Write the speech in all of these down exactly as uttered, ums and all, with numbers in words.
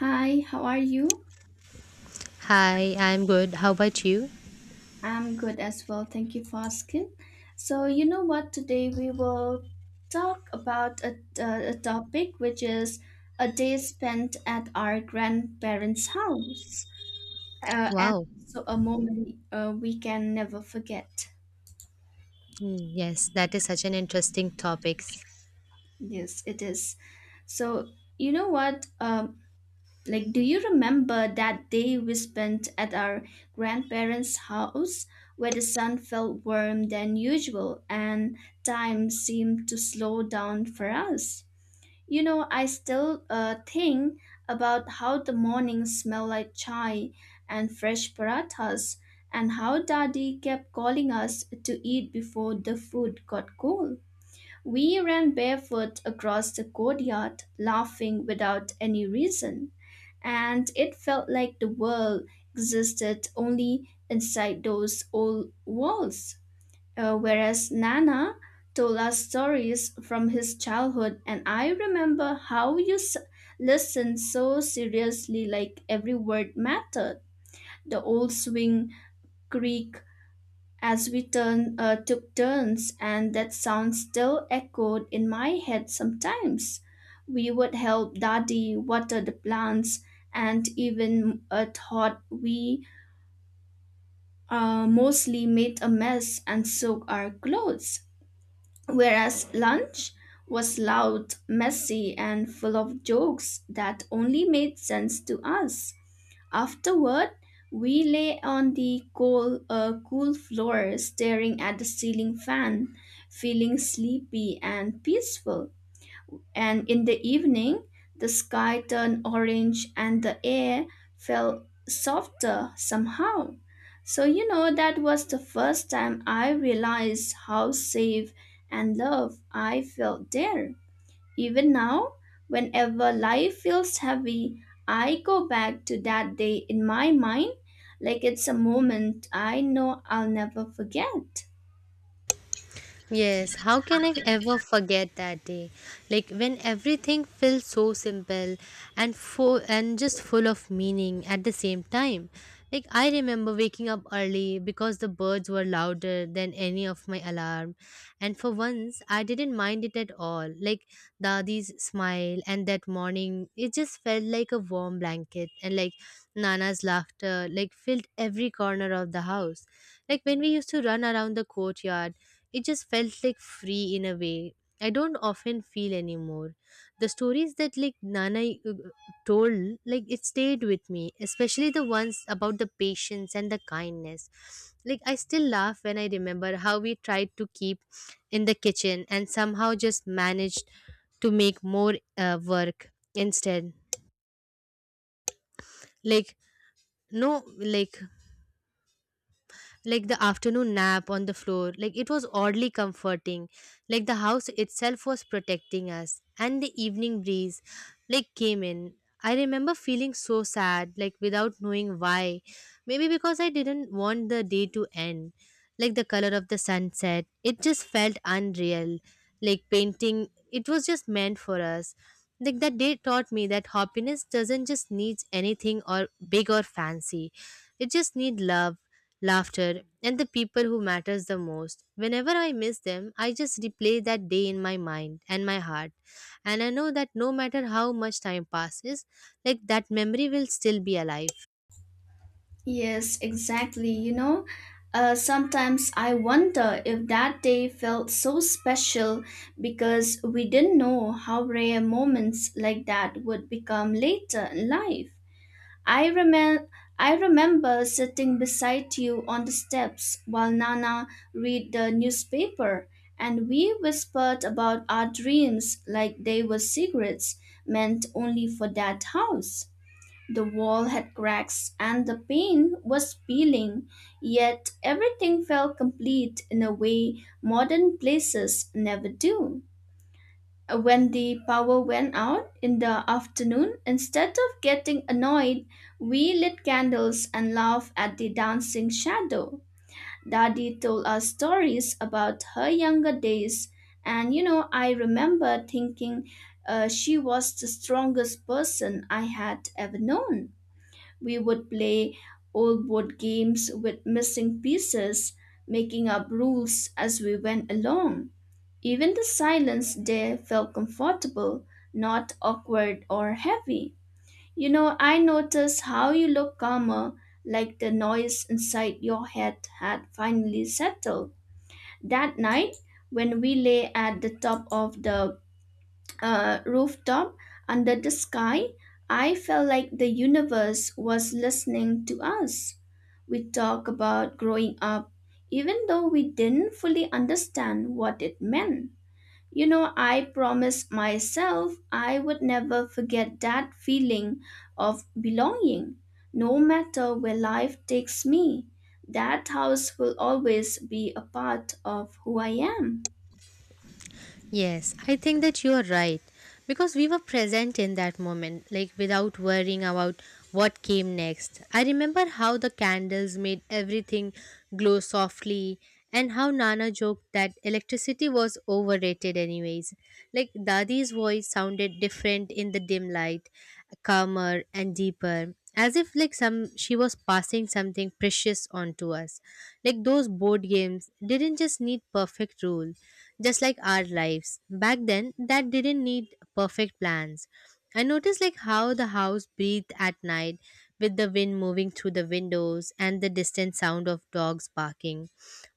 Hi, how are you? Hi, I'm good. How about you? I'm good as well. Thank you for asking. So, you know what? Today we will talk about a, a, a topic which is a day spent at our grandparents' house, uh, and Wow. so a moment uh, we can never forget. Mm, yes, that is such an interesting topic. Yes, it is. So, you know what? Um, Like, do you remember that day we spent at our grandparents' house where the sun felt warm than usual and time seemed to slow down for us? You know, I still uh, think about how the morning smelled like chai and fresh parathas and how daddy kept calling us to eat before the food got cold. We ran barefoot across the courtyard, laughing without any reason and it felt like the world existed only inside those old walls. Uh, whereas Nana told us stories from his childhood, and I remember how you s- listened so seriously, like every word mattered. The old swing creek as we turn, uh, took turns, and that sound still echoed in my head sometimes. We would help Daddy water the plants, and even uh, thought we uh, mostly made a mess and soaked our clothes. Whereas lunch was loud, messy, and full of jokes that only made sense to us. Afterward, we lay on the cool, uh, cool floor, staring at the ceiling fan, feeling sleepy and peaceful. And in the evening, the sky turned orange and the air felt softer somehow. So, you know, that was the first time I realized how safe and loved I felt there. Even now, whenever life feels heavy, I go back to that day in my mind like it's a moment I know I'll never forget. Yes, how can I ever forget that day? Like when everything felt so simple and full and just full of meaning at the same time. Like I remember waking up early because the birds were louder than any of my alarm, and for once I didn't mind it at all. Like Dadi's smile and that morning, it just felt like a warm blanket, and like Nana's laughter like filled every corner of the house. Like when we used to run around the courtyard, it just felt like free in a way I don't often feel anymore. The stories that like Nana uh, told, like it stayed with me, especially the ones about the patience and the kindness. Like I still laugh when I remember how we tried to keep in the kitchen and somehow just managed to make more uh, work instead. Like no, like like the afternoon nap on the floor, like it was oddly comforting, like the house itself was protecting us and the evening breeze like came in. I remember feeling so sad, like without knowing why, maybe because I didn't want the day to end. Like the color of the sunset, it just felt unreal, like painting, it was just meant for us. Like that day taught me that happiness doesn't just need anything or big or fancy, it just need love, laughter, and the people who matters the most. Whenever I miss them, I just replay that day in my mind and my heart. And I know that no matter how much time passes, like that memory will still be alive. Yes, exactly. You know, uh, sometimes I wonder if that day felt so special because we didn't know how rare moments like that would become later in life. I remem- I remember sitting beside you on the steps while Nana read the newspaper, and we whispered about our dreams like they were secrets meant only for that house. The wall had cracks and the paint was peeling, yet everything felt complete in a way modern places never do. Uh, When the power went out in the afternoon, instead of getting annoyed, we lit candles and laughed at the dancing shadow. Daddy told us stories about her younger days, and you know, I remember thinking uh, she was the strongest person I had ever known. We would play old board games with missing pieces, making up rules as we went along. Even the silence there felt comfortable, not awkward or heavy. You know, I noticed how you look calmer, like the noise inside your head had finally settled. That night, when we lay at the top of the uh, rooftop under the sky, I felt like the universe was listening to us. We talked about growing up, even though we didn't fully understand what it meant. You know, I promised myself I would never forget that feeling of belonging. No matter where life takes me, that house will always be a part of who I am. Yes, I think that you are right because we were present in that moment, like without worrying about what came next. I remember how the candles made everything glow softly and how Nana joked that electricity was overrated, anyways. Like Dadi's voice sounded different in the dim light, calmer and deeper. As if like some she was passing something precious on to us. Like those board games didn't just need perfect rules just like our lives. Back then, that didn't need perfect plans. I noticed like how the house breathed at night, with the wind moving through the windows and the distant sound of dogs barking.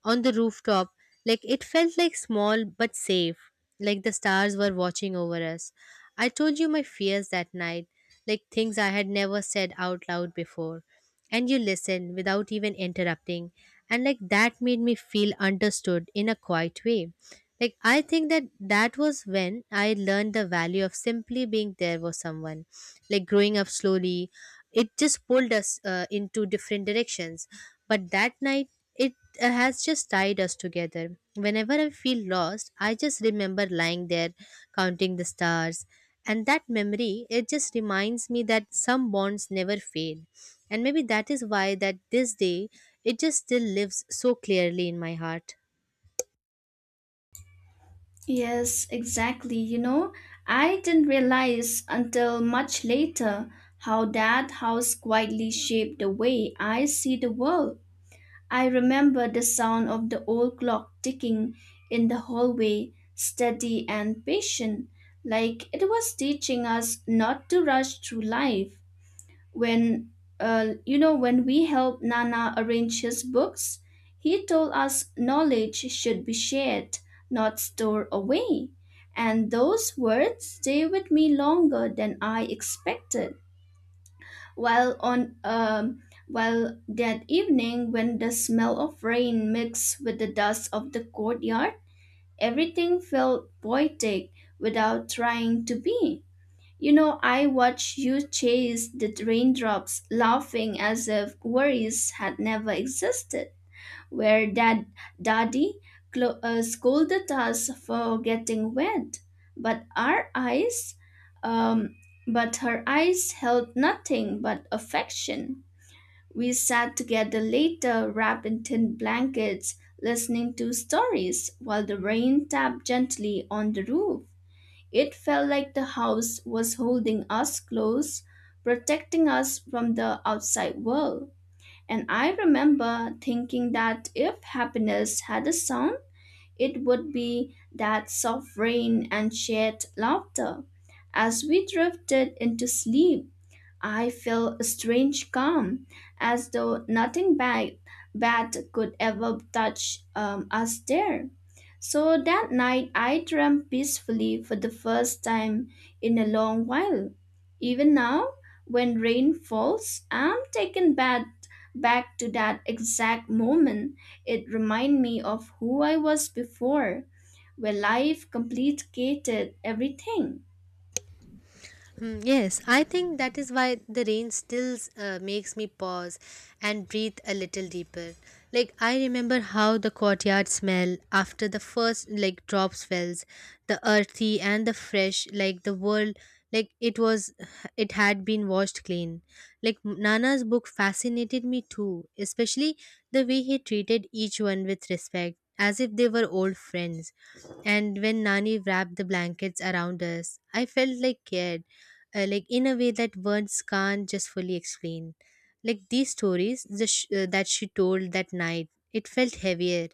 On the rooftop, like it felt like small but safe, like the stars were watching over us. I told you my fears that night, like things I had never said out loud before. And you listened without even interrupting, and like that made me feel understood in a quiet way. Like, I think that that was when I learned the value of simply being there for someone. Like, growing up slowly, it just pulled us uh, into different directions. But that night, it uh, has just tied us together. Whenever I feel lost, I just remember lying there, counting the stars. And that memory, it just reminds me that some bonds never fade. And maybe that is why that this day, it just still lives so clearly in my heart. Yes, exactly. You know, I didn't realize until much later how that house quietly shaped the way I see the world. I remember the sound of the old clock ticking in the hallway, steady and patient, like it was teaching us not to rush through life. When, uh, you know, when we helped Nana arrange his books, he told us knowledge should be shared, not stored away. And those words stay with me longer than I expected while on um, while that evening when the smell of rain mixed with the dust of the courtyard everything felt poetic without trying to be. You know, I watched you chase the raindrops laughing as if worries had never existed. Where dad daddy clo- uh, scolded us for getting wet but our eyes um, but her eyes held nothing but affection. We sat together later, wrapped in thin blankets, listening to stories while the rain tapped gently on the roof. It felt like the house was holding us close, protecting us from the outside world. And I remember thinking that if happiness had a sound, it would be that soft rain and shared laughter as we drifted into sleep. I feel a strange calm, as though nothing bad, bad could ever touch um, us there. So that night, I dreamt peacefully for the first time in a long while. Even now, when rain falls, I'm taken back, back to that exact moment. It reminds me of who I was before, where life complicated everything. Hmm. Yes, I think that is why the rain still uh, makes me pause and breathe a little deeper. Like I remember how the courtyard smell after the first like drops fells, the earthy and the fresh, like the world, like it was, it had been washed clean. Like Nana's book fascinated me too, especially the way he treated each one with respect, as if they were old friends. And when Nani wrapped the blankets around us, I felt like cared, uh, like in a way that words can't just fully explain. Like these stories the sh- uh, that she told that night, it felt heavier.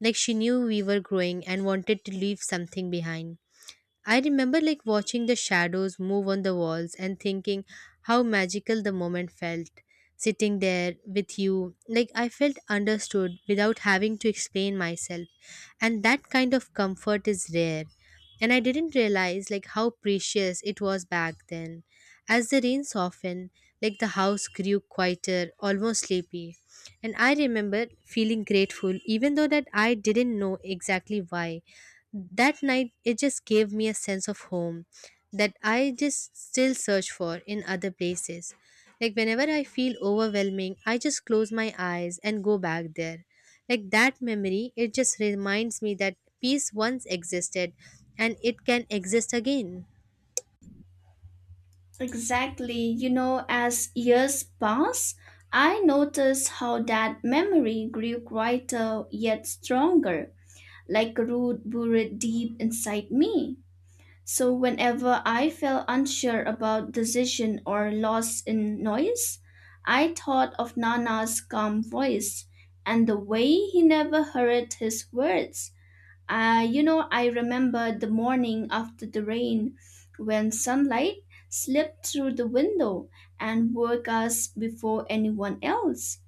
Like she knew we were growing and wanted to leave something behind. I remember like watching the shadows move on the walls and thinking how magical the moment felt sitting there with you. Like I felt understood without having to explain myself. And that kind of comfort is rare. And I didn't realize like how precious it was back then. As the rain softened, like the house grew quieter, almost sleepy. And I remember feeling grateful, even though that I didn't know exactly why. That night, it just gave me a sense of home that I just still search for in other places. Like whenever I feel overwhelming, I just close my eyes and go back there. Like that memory, it just reminds me that peace once existed and it can exist again. Exactly. You know, as years pass, I notice how that memory grew quieter yet stronger, like a root buried deep inside me. So whenever I felt unsure about decision or lost in noise, I thought of Nana's calm voice and the way he never hurried his words. Uh, you know, I remember the morning after the rain when sunlight slipped through the window and woke us before anyone else.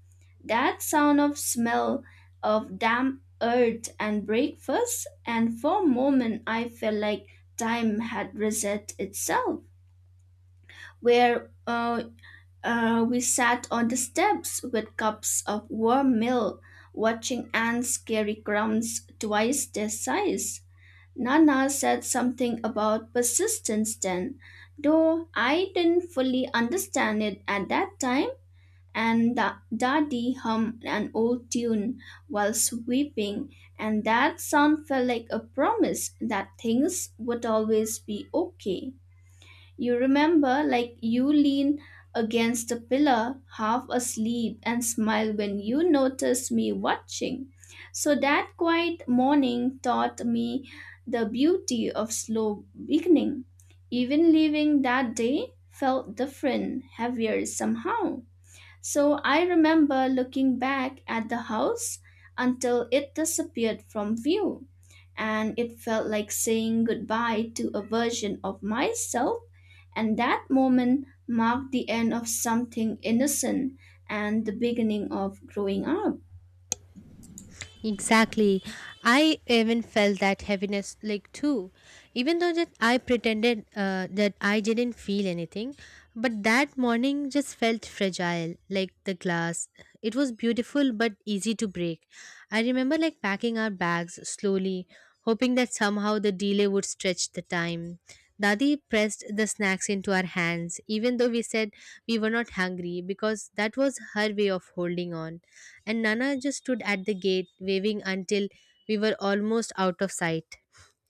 That sound of smell of damp earth and breakfast, and for a moment I felt like time had reset itself. Where uh, uh, We sat on the steps with cups of warm milk, watching ants carry crumbs twice their size. Nana said something about persistence then, though I didn't fully understand it at that time, and da- Daddy hummed an old tune while sweeping, and that sound felt like a promise that things would always be okay. You remember, like you lean against a pillar, half asleep, and smile when you notice me watching. So that quiet morning taught me the beauty of slow beginning. Even leaving that day felt different, heavier somehow. So I remember looking back at the house until it disappeared from view, and it felt like saying goodbye to a version of myself. And that moment marked the end of something innocent and the beginning of growing up. Exactly. I even felt that heaviness, like too. Even though that I pretended uh, that I didn't feel anything, but that morning just felt fragile, like the glass. It was beautiful but easy to break. I remember like packing our bags slowly, hoping that somehow the delay would stretch the time. Dadi pressed the snacks into our hands, even though we said we were not hungry, because that was her way of holding on, and Nana just stood at the gate waving until we were almost out of sight.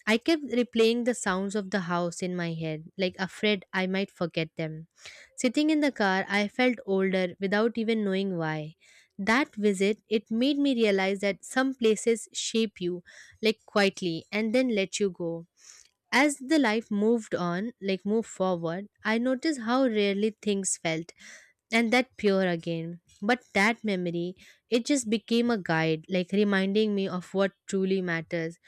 I kept replaying the sounds of the house in my head, like afraid I might forget them. Sitting in the car, I felt older without even knowing why. That visit, it made me realize that some places shape you, like quietly, and then let you go. As the life moved on, like moved forward, I noticed how rarely things felt and that pure again. But that memory, it just became a guide, like reminding me of what truly matters.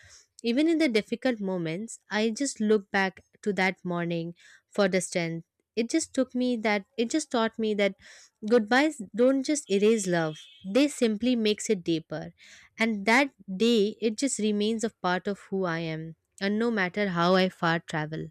Even in the difficult moments, I just look back to that morning for the strength. It just took me that, it just taught me that goodbyes don't just erase love, they simply makes it deeper. And that day, it just remains a part of who I am, and no matter how I far travel.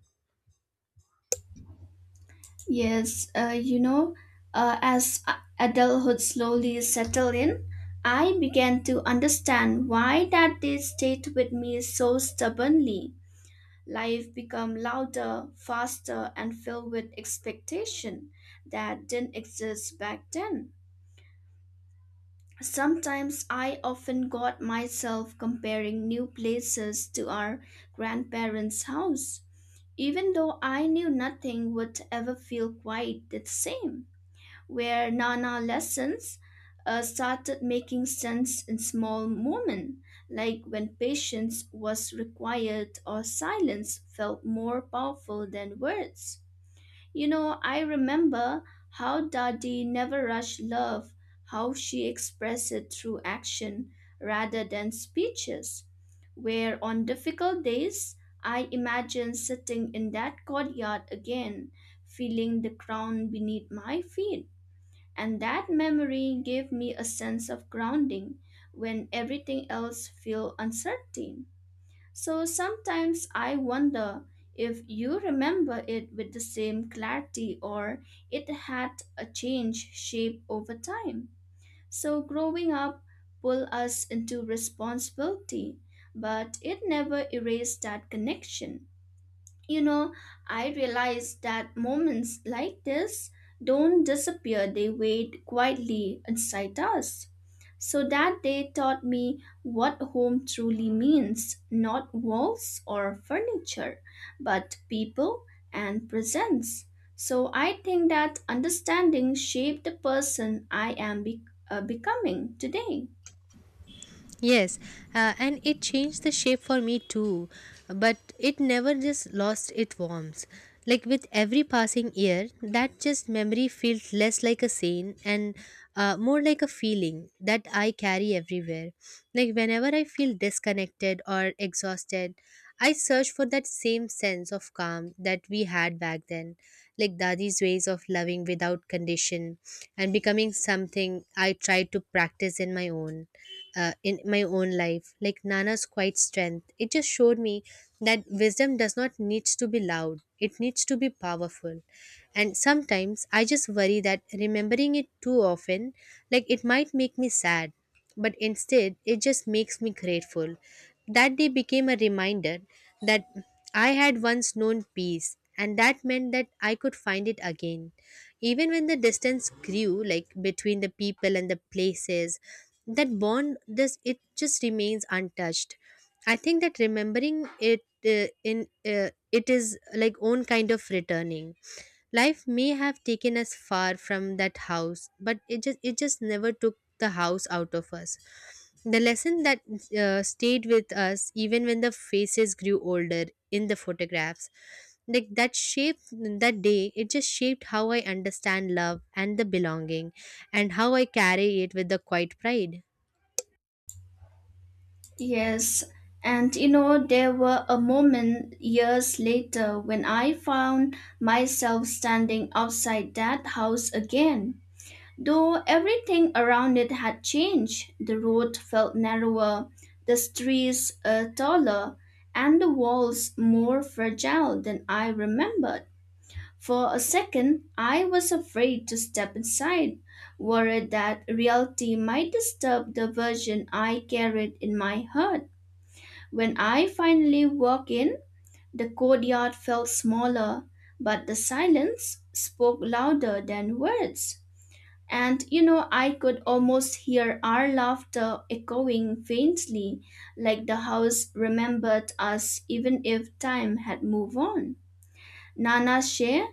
Yes, uh, you know, uh, as a- adulthood slowly settled in, I began to understand why that day stayed with me so stubbornly. Life become louder, faster, and filled with expectation that didn't exist back then. Sometimes I often got myself comparing new places to our grandparents' house, even though I knew nothing would ever feel quite the same. Where Nana lessons uh, started making sense in small moments, like when patience was required or silence felt more powerful than words. You know, I remember how Dadi never rushed love, how she expressed it through action rather than speeches. Where on difficult days, I imagine sitting in that courtyard again, feeling the ground beneath my feet and that memory gave me a sense of grounding when everything else felt uncertain. So sometimes I wonder if you remember it with the same clarity or it had a change shape over time. So growing up pull us into responsibility, but it never erased that connection. You know, I realized that moments like this don't disappear, they wait quietly inside us. So that day taught me what home truly means, not walls or furniture, but people and presence. So I think that understanding shaped the person I am be- uh, becoming today. Yes, uh, and it changed the shape for me too, but it never just lost its warmth. Like with every passing year, that just memory felt less like a scene and uh, more like a feeling that I carry everywhere. Like whenever I feel disconnected or exhausted, I search for that same sense of calm that we had back then, like Dadi's ways of loving without condition and becoming something I tried to practice in my own uh, in my own life. Like Nana's quiet strength, it just showed me that wisdom does not needs to be loud, it needs to be powerful. And sometimes I just worry that remembering it too often like it might make me sad. But instead, it just makes me grateful. That day became a reminder that I had once known peace, and that meant that I could find it again. Even when the distance grew like between the people and the places, that bond this, it just remains untouched. I think that remembering it, uh, in uh, it is like own kind of returning. Life may have taken us far from that house, but it just it just never took the house out of us. The lesson that uh, stayed with us even when the faces grew older in the photographs. Like that shape that day, it just shaped how I understand love and the belonging, and how I carry it with the quiet pride. Yes, and you know, there were a moment years later when I found myself standing outside that house again. Though everything around it had changed, the road felt narrower, the streets uh, taller, and the walls more fragile than I remembered. For a second, I was afraid to step inside, worried that reality might disturb the version I carried in my heart. When I finally walked in, the courtyard felt smaller, but the silence spoke louder than words. And you know, I could almost hear our laughter echoing faintly, like the house remembered us even if time had moved on. Nana Sheh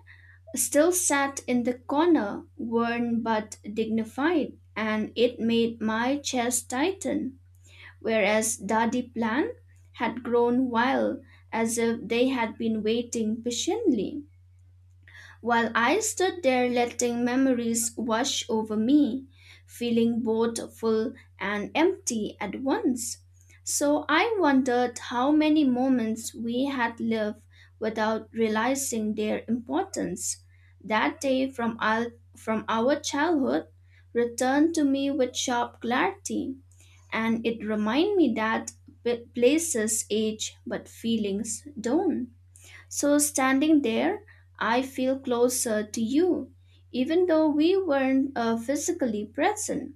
still sat in the corner, worn but dignified, and it made my chest tighten. Whereas Daddy Plan had grown wild as if they had been waiting patiently while I stood there letting memories wash over me, feeling both full and empty at once. So I wondered how many moments we had lived without realizing their importance. That day from our, from our childhood returned to me with sharp clarity, and it reminded me that p- places age but feelings don't. So, standing there, I feel closer to you, even though we weren't uh, physically present.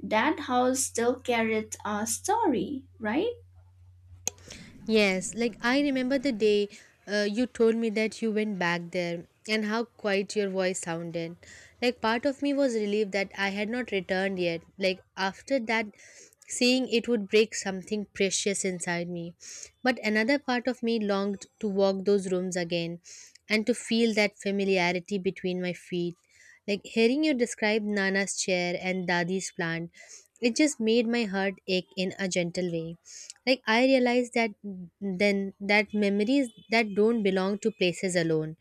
That house still carried our story, right? Yes, like I remember the day uh, you told me that you went back there and how quiet your voice sounded. Like part of me was relieved that I had not returned yet. Like after that, seeing it would break something precious inside me. But another part of me longed to walk those rooms again and to feel that familiarity between my feet. Like hearing you describe Nana's chair and Dadi's plant, it just made my heart ache in a gentle way. Like I realized that then that memories that don't belong to places alone.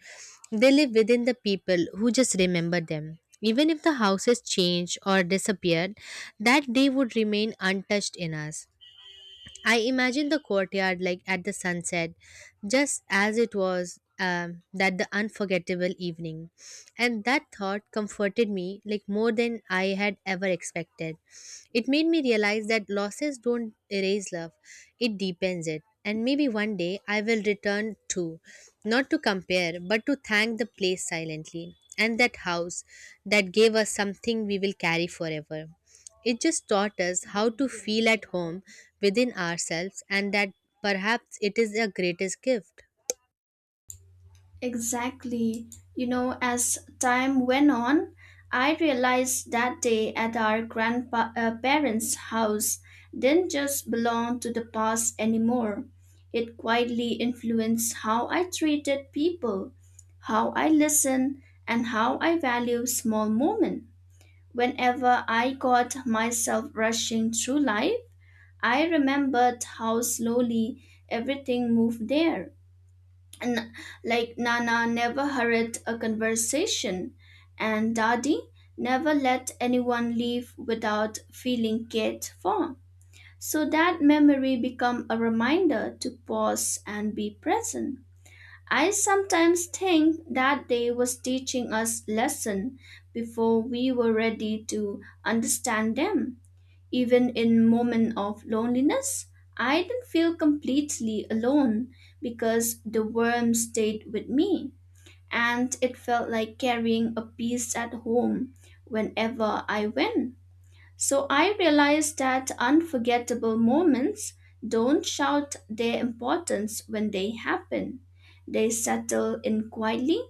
They live within the people who just remember them. Even if the houses changed or disappeared, that day would remain untouched in us. I imagine the courtyard like at the sunset, just as it was um, that the unforgettable evening. And that thought comforted me like more than I had ever expected. It made me realize that losses don't erase love, it deepens it. And maybe one day I will return too, not to compare, but to thank the place silently. And that house that gave us something we will carry forever. It just taught us how to feel at home within ourselves, and that perhaps it is the greatest gift. Exactly. You know, as time went on, I realized that day at our grandparents' house didn't just belong to the past anymore. It quietly influenced how I treated people, how I listened, and how I value small moments. Whenever I got myself rushing through life, I remembered how slowly everything moved there. N- like Nana never hurried a conversation, and Daddy never let anyone leave without feeling cared for. So that memory become a reminder to pause and be present. I sometimes think that day was teaching us lesson before we were ready to understand them. Even in moments of loneliness, I didn't feel completely alone because the worm stayed with me and it felt like carrying a piece at home whenever I went. So I realized that unforgettable moments don't shout their importance when they happen. They settle in quietly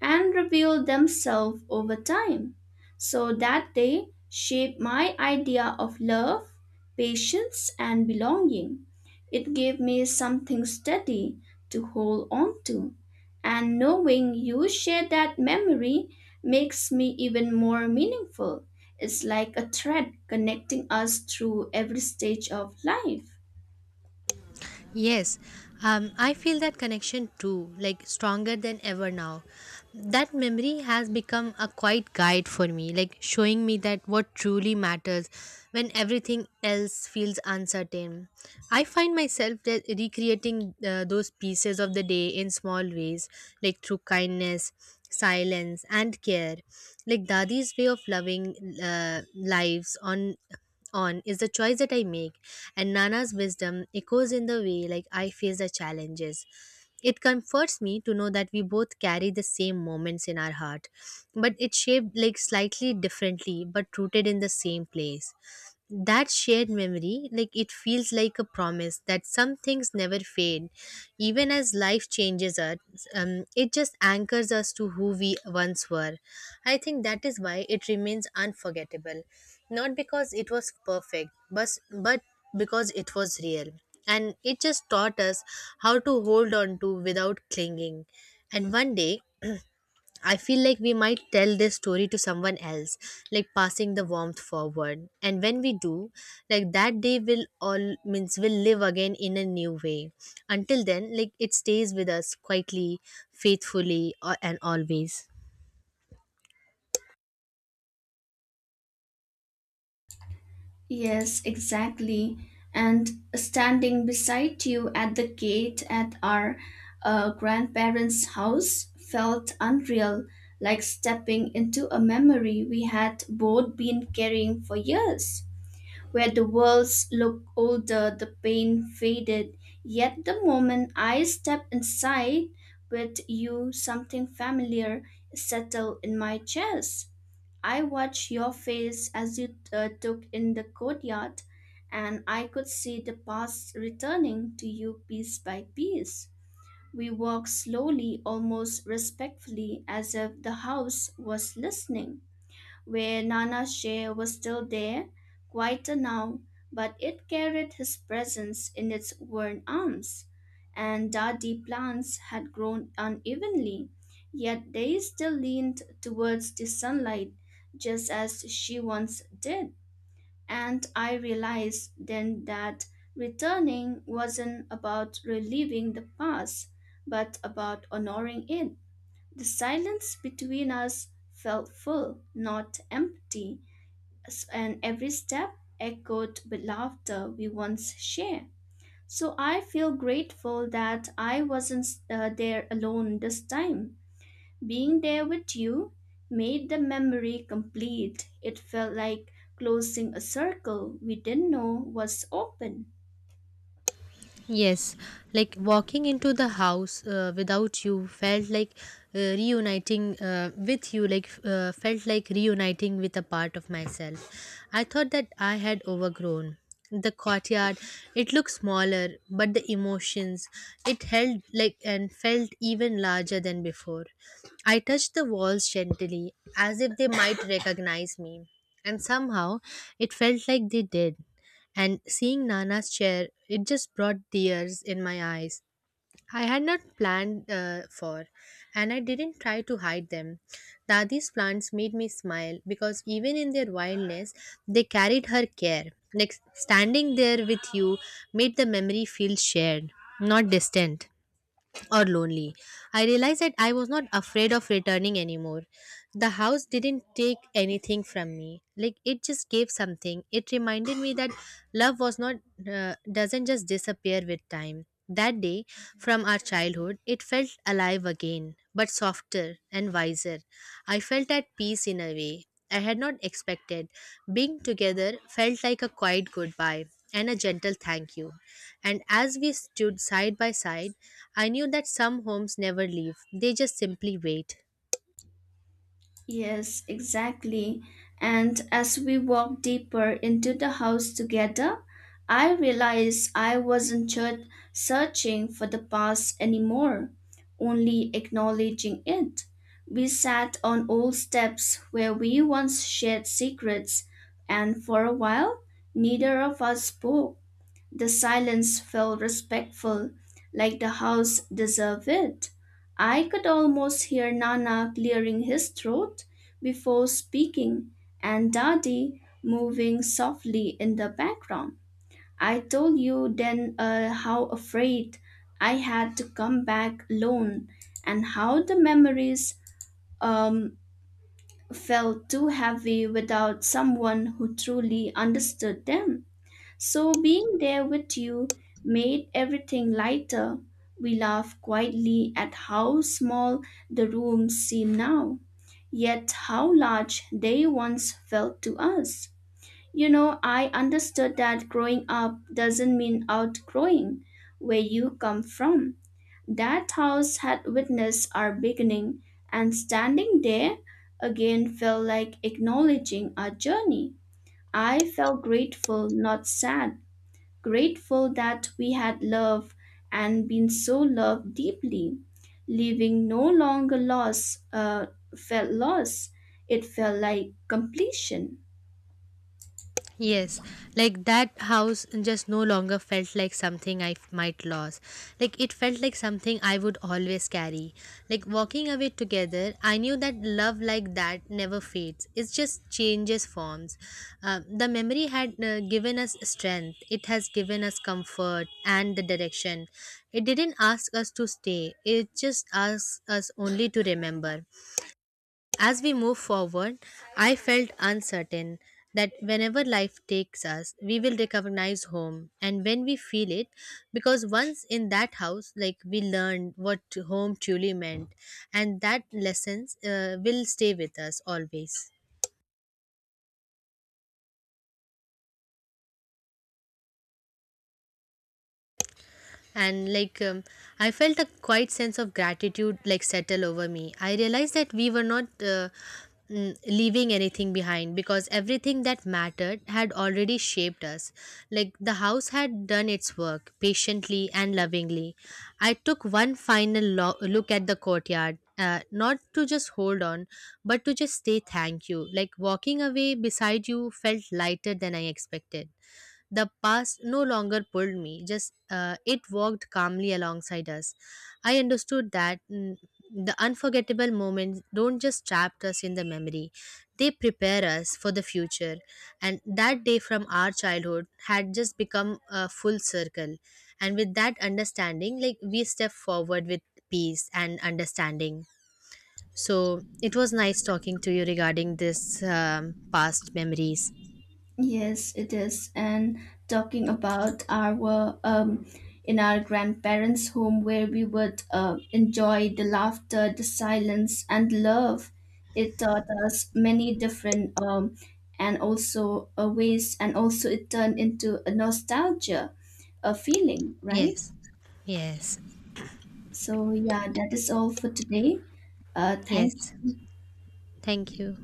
and reveal themselves over time. So that they shape my idea of love, patience, and belonging. It gave me something steady to hold on to. And knowing you share that memory makes me even more meaningful, it's like a thread connecting us through every stage of life. Yes, um, I feel that connection too, like stronger than ever now. That memory has become a quiet guide for me, like showing me that what truly matters when everything else feels uncertain. I find myself that recreating uh, those pieces of the day in small ways, like through kindness, silence, and care, like Dadi's way of loving uh, lives on on is the choice that I make, and Nana's wisdom echoes in the way like I face the challenges. It comforts me to know that we both carry the same moments in our heart, but it's shaped like slightly differently, but rooted in the same place. That shared memory, like, it feels like a promise that some things never fade even as life changes us. Um, it just anchors us to who we once were. I think that is why it remains unforgettable, not because it was perfect, but but because it was real, and it just taught us how to hold on to without clinging. And one day I feel like we might tell this story to someone else, like passing the warmth forward. And when we do, like that day will all means will live again in a new way. Until then, like it stays with us quietly, faithfully, or, and always. Yes, exactly. And standing beside you at the gate at our uh, grandparents' house felt unreal, like stepping into a memory we had both been carrying for years. Where the walls looked older, the pain faded. Yet the moment I stepped inside with you, something familiar settled in my chest. I watched your face as you uh, took in the courtyard, and I could see the past returning to you piece by piece. We walked slowly, almost respectfully, as if the house was listening. Where Nana's chair was still there, quieter now, but it carried his presence in its worn arms. And dadi plants had grown unevenly, yet they still leaned towards the sunlight, just as she once did. And I realized then that returning wasn't about relieving the past, but about honoring it. The silence between us felt full, not empty s- and every step echoed with laughter we once shared. So I feel grateful that I wasn't uh, there alone this time. Being there with you made the memory complete. It felt like closing a circle we didn't know was open. Yes, like walking into the house uh, without you felt like uh, reuniting uh, with you, like uh, felt like reuniting with a part of myself. I thought that I had overgrown. The courtyard, it looked smaller, but the emotions, it held like and felt even larger than before. I touched the walls gently, as if they might recognize me, and somehow it felt like they did. And seeing Nana's chair, it just brought tears in my eyes. I had not planned uh, for, and I didn't try to hide them. Dadi's plants made me smile because even in their wildness, they carried her care. Like standing there with you made the memory feel shared, not distant or lonely. I realized that I was not afraid of returning anymore. The house didn't take anything from me. Like it just gave something. It reminded me that love was not uh, doesn't just disappear with time. That day from our childhood, it felt alive again, but softer and wiser. I felt at peace in a way I had not expected. Being together felt like a quiet goodbye and a gentle thank you. And as we stood side by side, I knew that some homes never leave, they just simply wait. Yes, exactly. And as we walked deeper into the house together, I realized I wasn't ju- searching for the past anymore, only acknowledging it. We sat on old steps where we once shared secrets, and for a while, neither of us spoke. The silence felt respectful, like the house deserved it. I could almost hear Nana clearing his throat before speaking and Daddy moving softly in the background. I told you then uh, how afraid I had to come back alone and how the memories um, felt too heavy without someone who truly understood them. So being there with you made everything lighter. We laughed quietly at how small the rooms seem now, yet how large they once felt to us. You know, I understood that growing up doesn't mean outgrowing where you come from. That house had witnessed our beginning, and standing there again felt like acknowledging our journey. I felt grateful, not sad, grateful that we had loved and been so loved deeply. Living no longer loss uh, felt loss, it felt like completion. Yes, like that house just no longer felt like something I f- might lose. Like it felt like something I would always carry. Like walking away together, I knew that love like that never fades. It just changes forms. Uh, the memory had uh, given us strength. It has given us comfort and the direction. It didn't ask us to stay. It just asked us only to remember. As we move forward, I felt uncertain that whenever life takes us, we will recognize home and when we feel it, because once in that house, like we learned what home truly meant, and that lessons uh, will stay with us always. And like um, I felt a quiet sense of gratitude like settle over me. I realized that we were not uh, mm, leaving anything behind because everything that mattered had already shaped us. Like the house had done its work patiently and lovingly. I took one final lo- look at the courtyard, uh, not to just hold on, but to just say thank you. Like walking away beside you felt lighter than I expected. The past no longer pulled me, just uh, it walked calmly alongside us. I understood that, mm, the unforgettable moments don't just trap us in the memory, they prepare us for the future. And that day from our childhood had just become a full circle. And with that understanding, like we step forward with peace and understanding. So it was nice talking to you regarding this um, past memories. Yes, it is. And talking about our um, in our grandparents' home, where we would uh, enjoy the laughter, the silence, and love, it taught us many different um, and also uh, ways, and also it turned into a nostalgia, a feeling, right? Yes, yes, So yeah, that is all for today. Uh, thank yes. Thank you.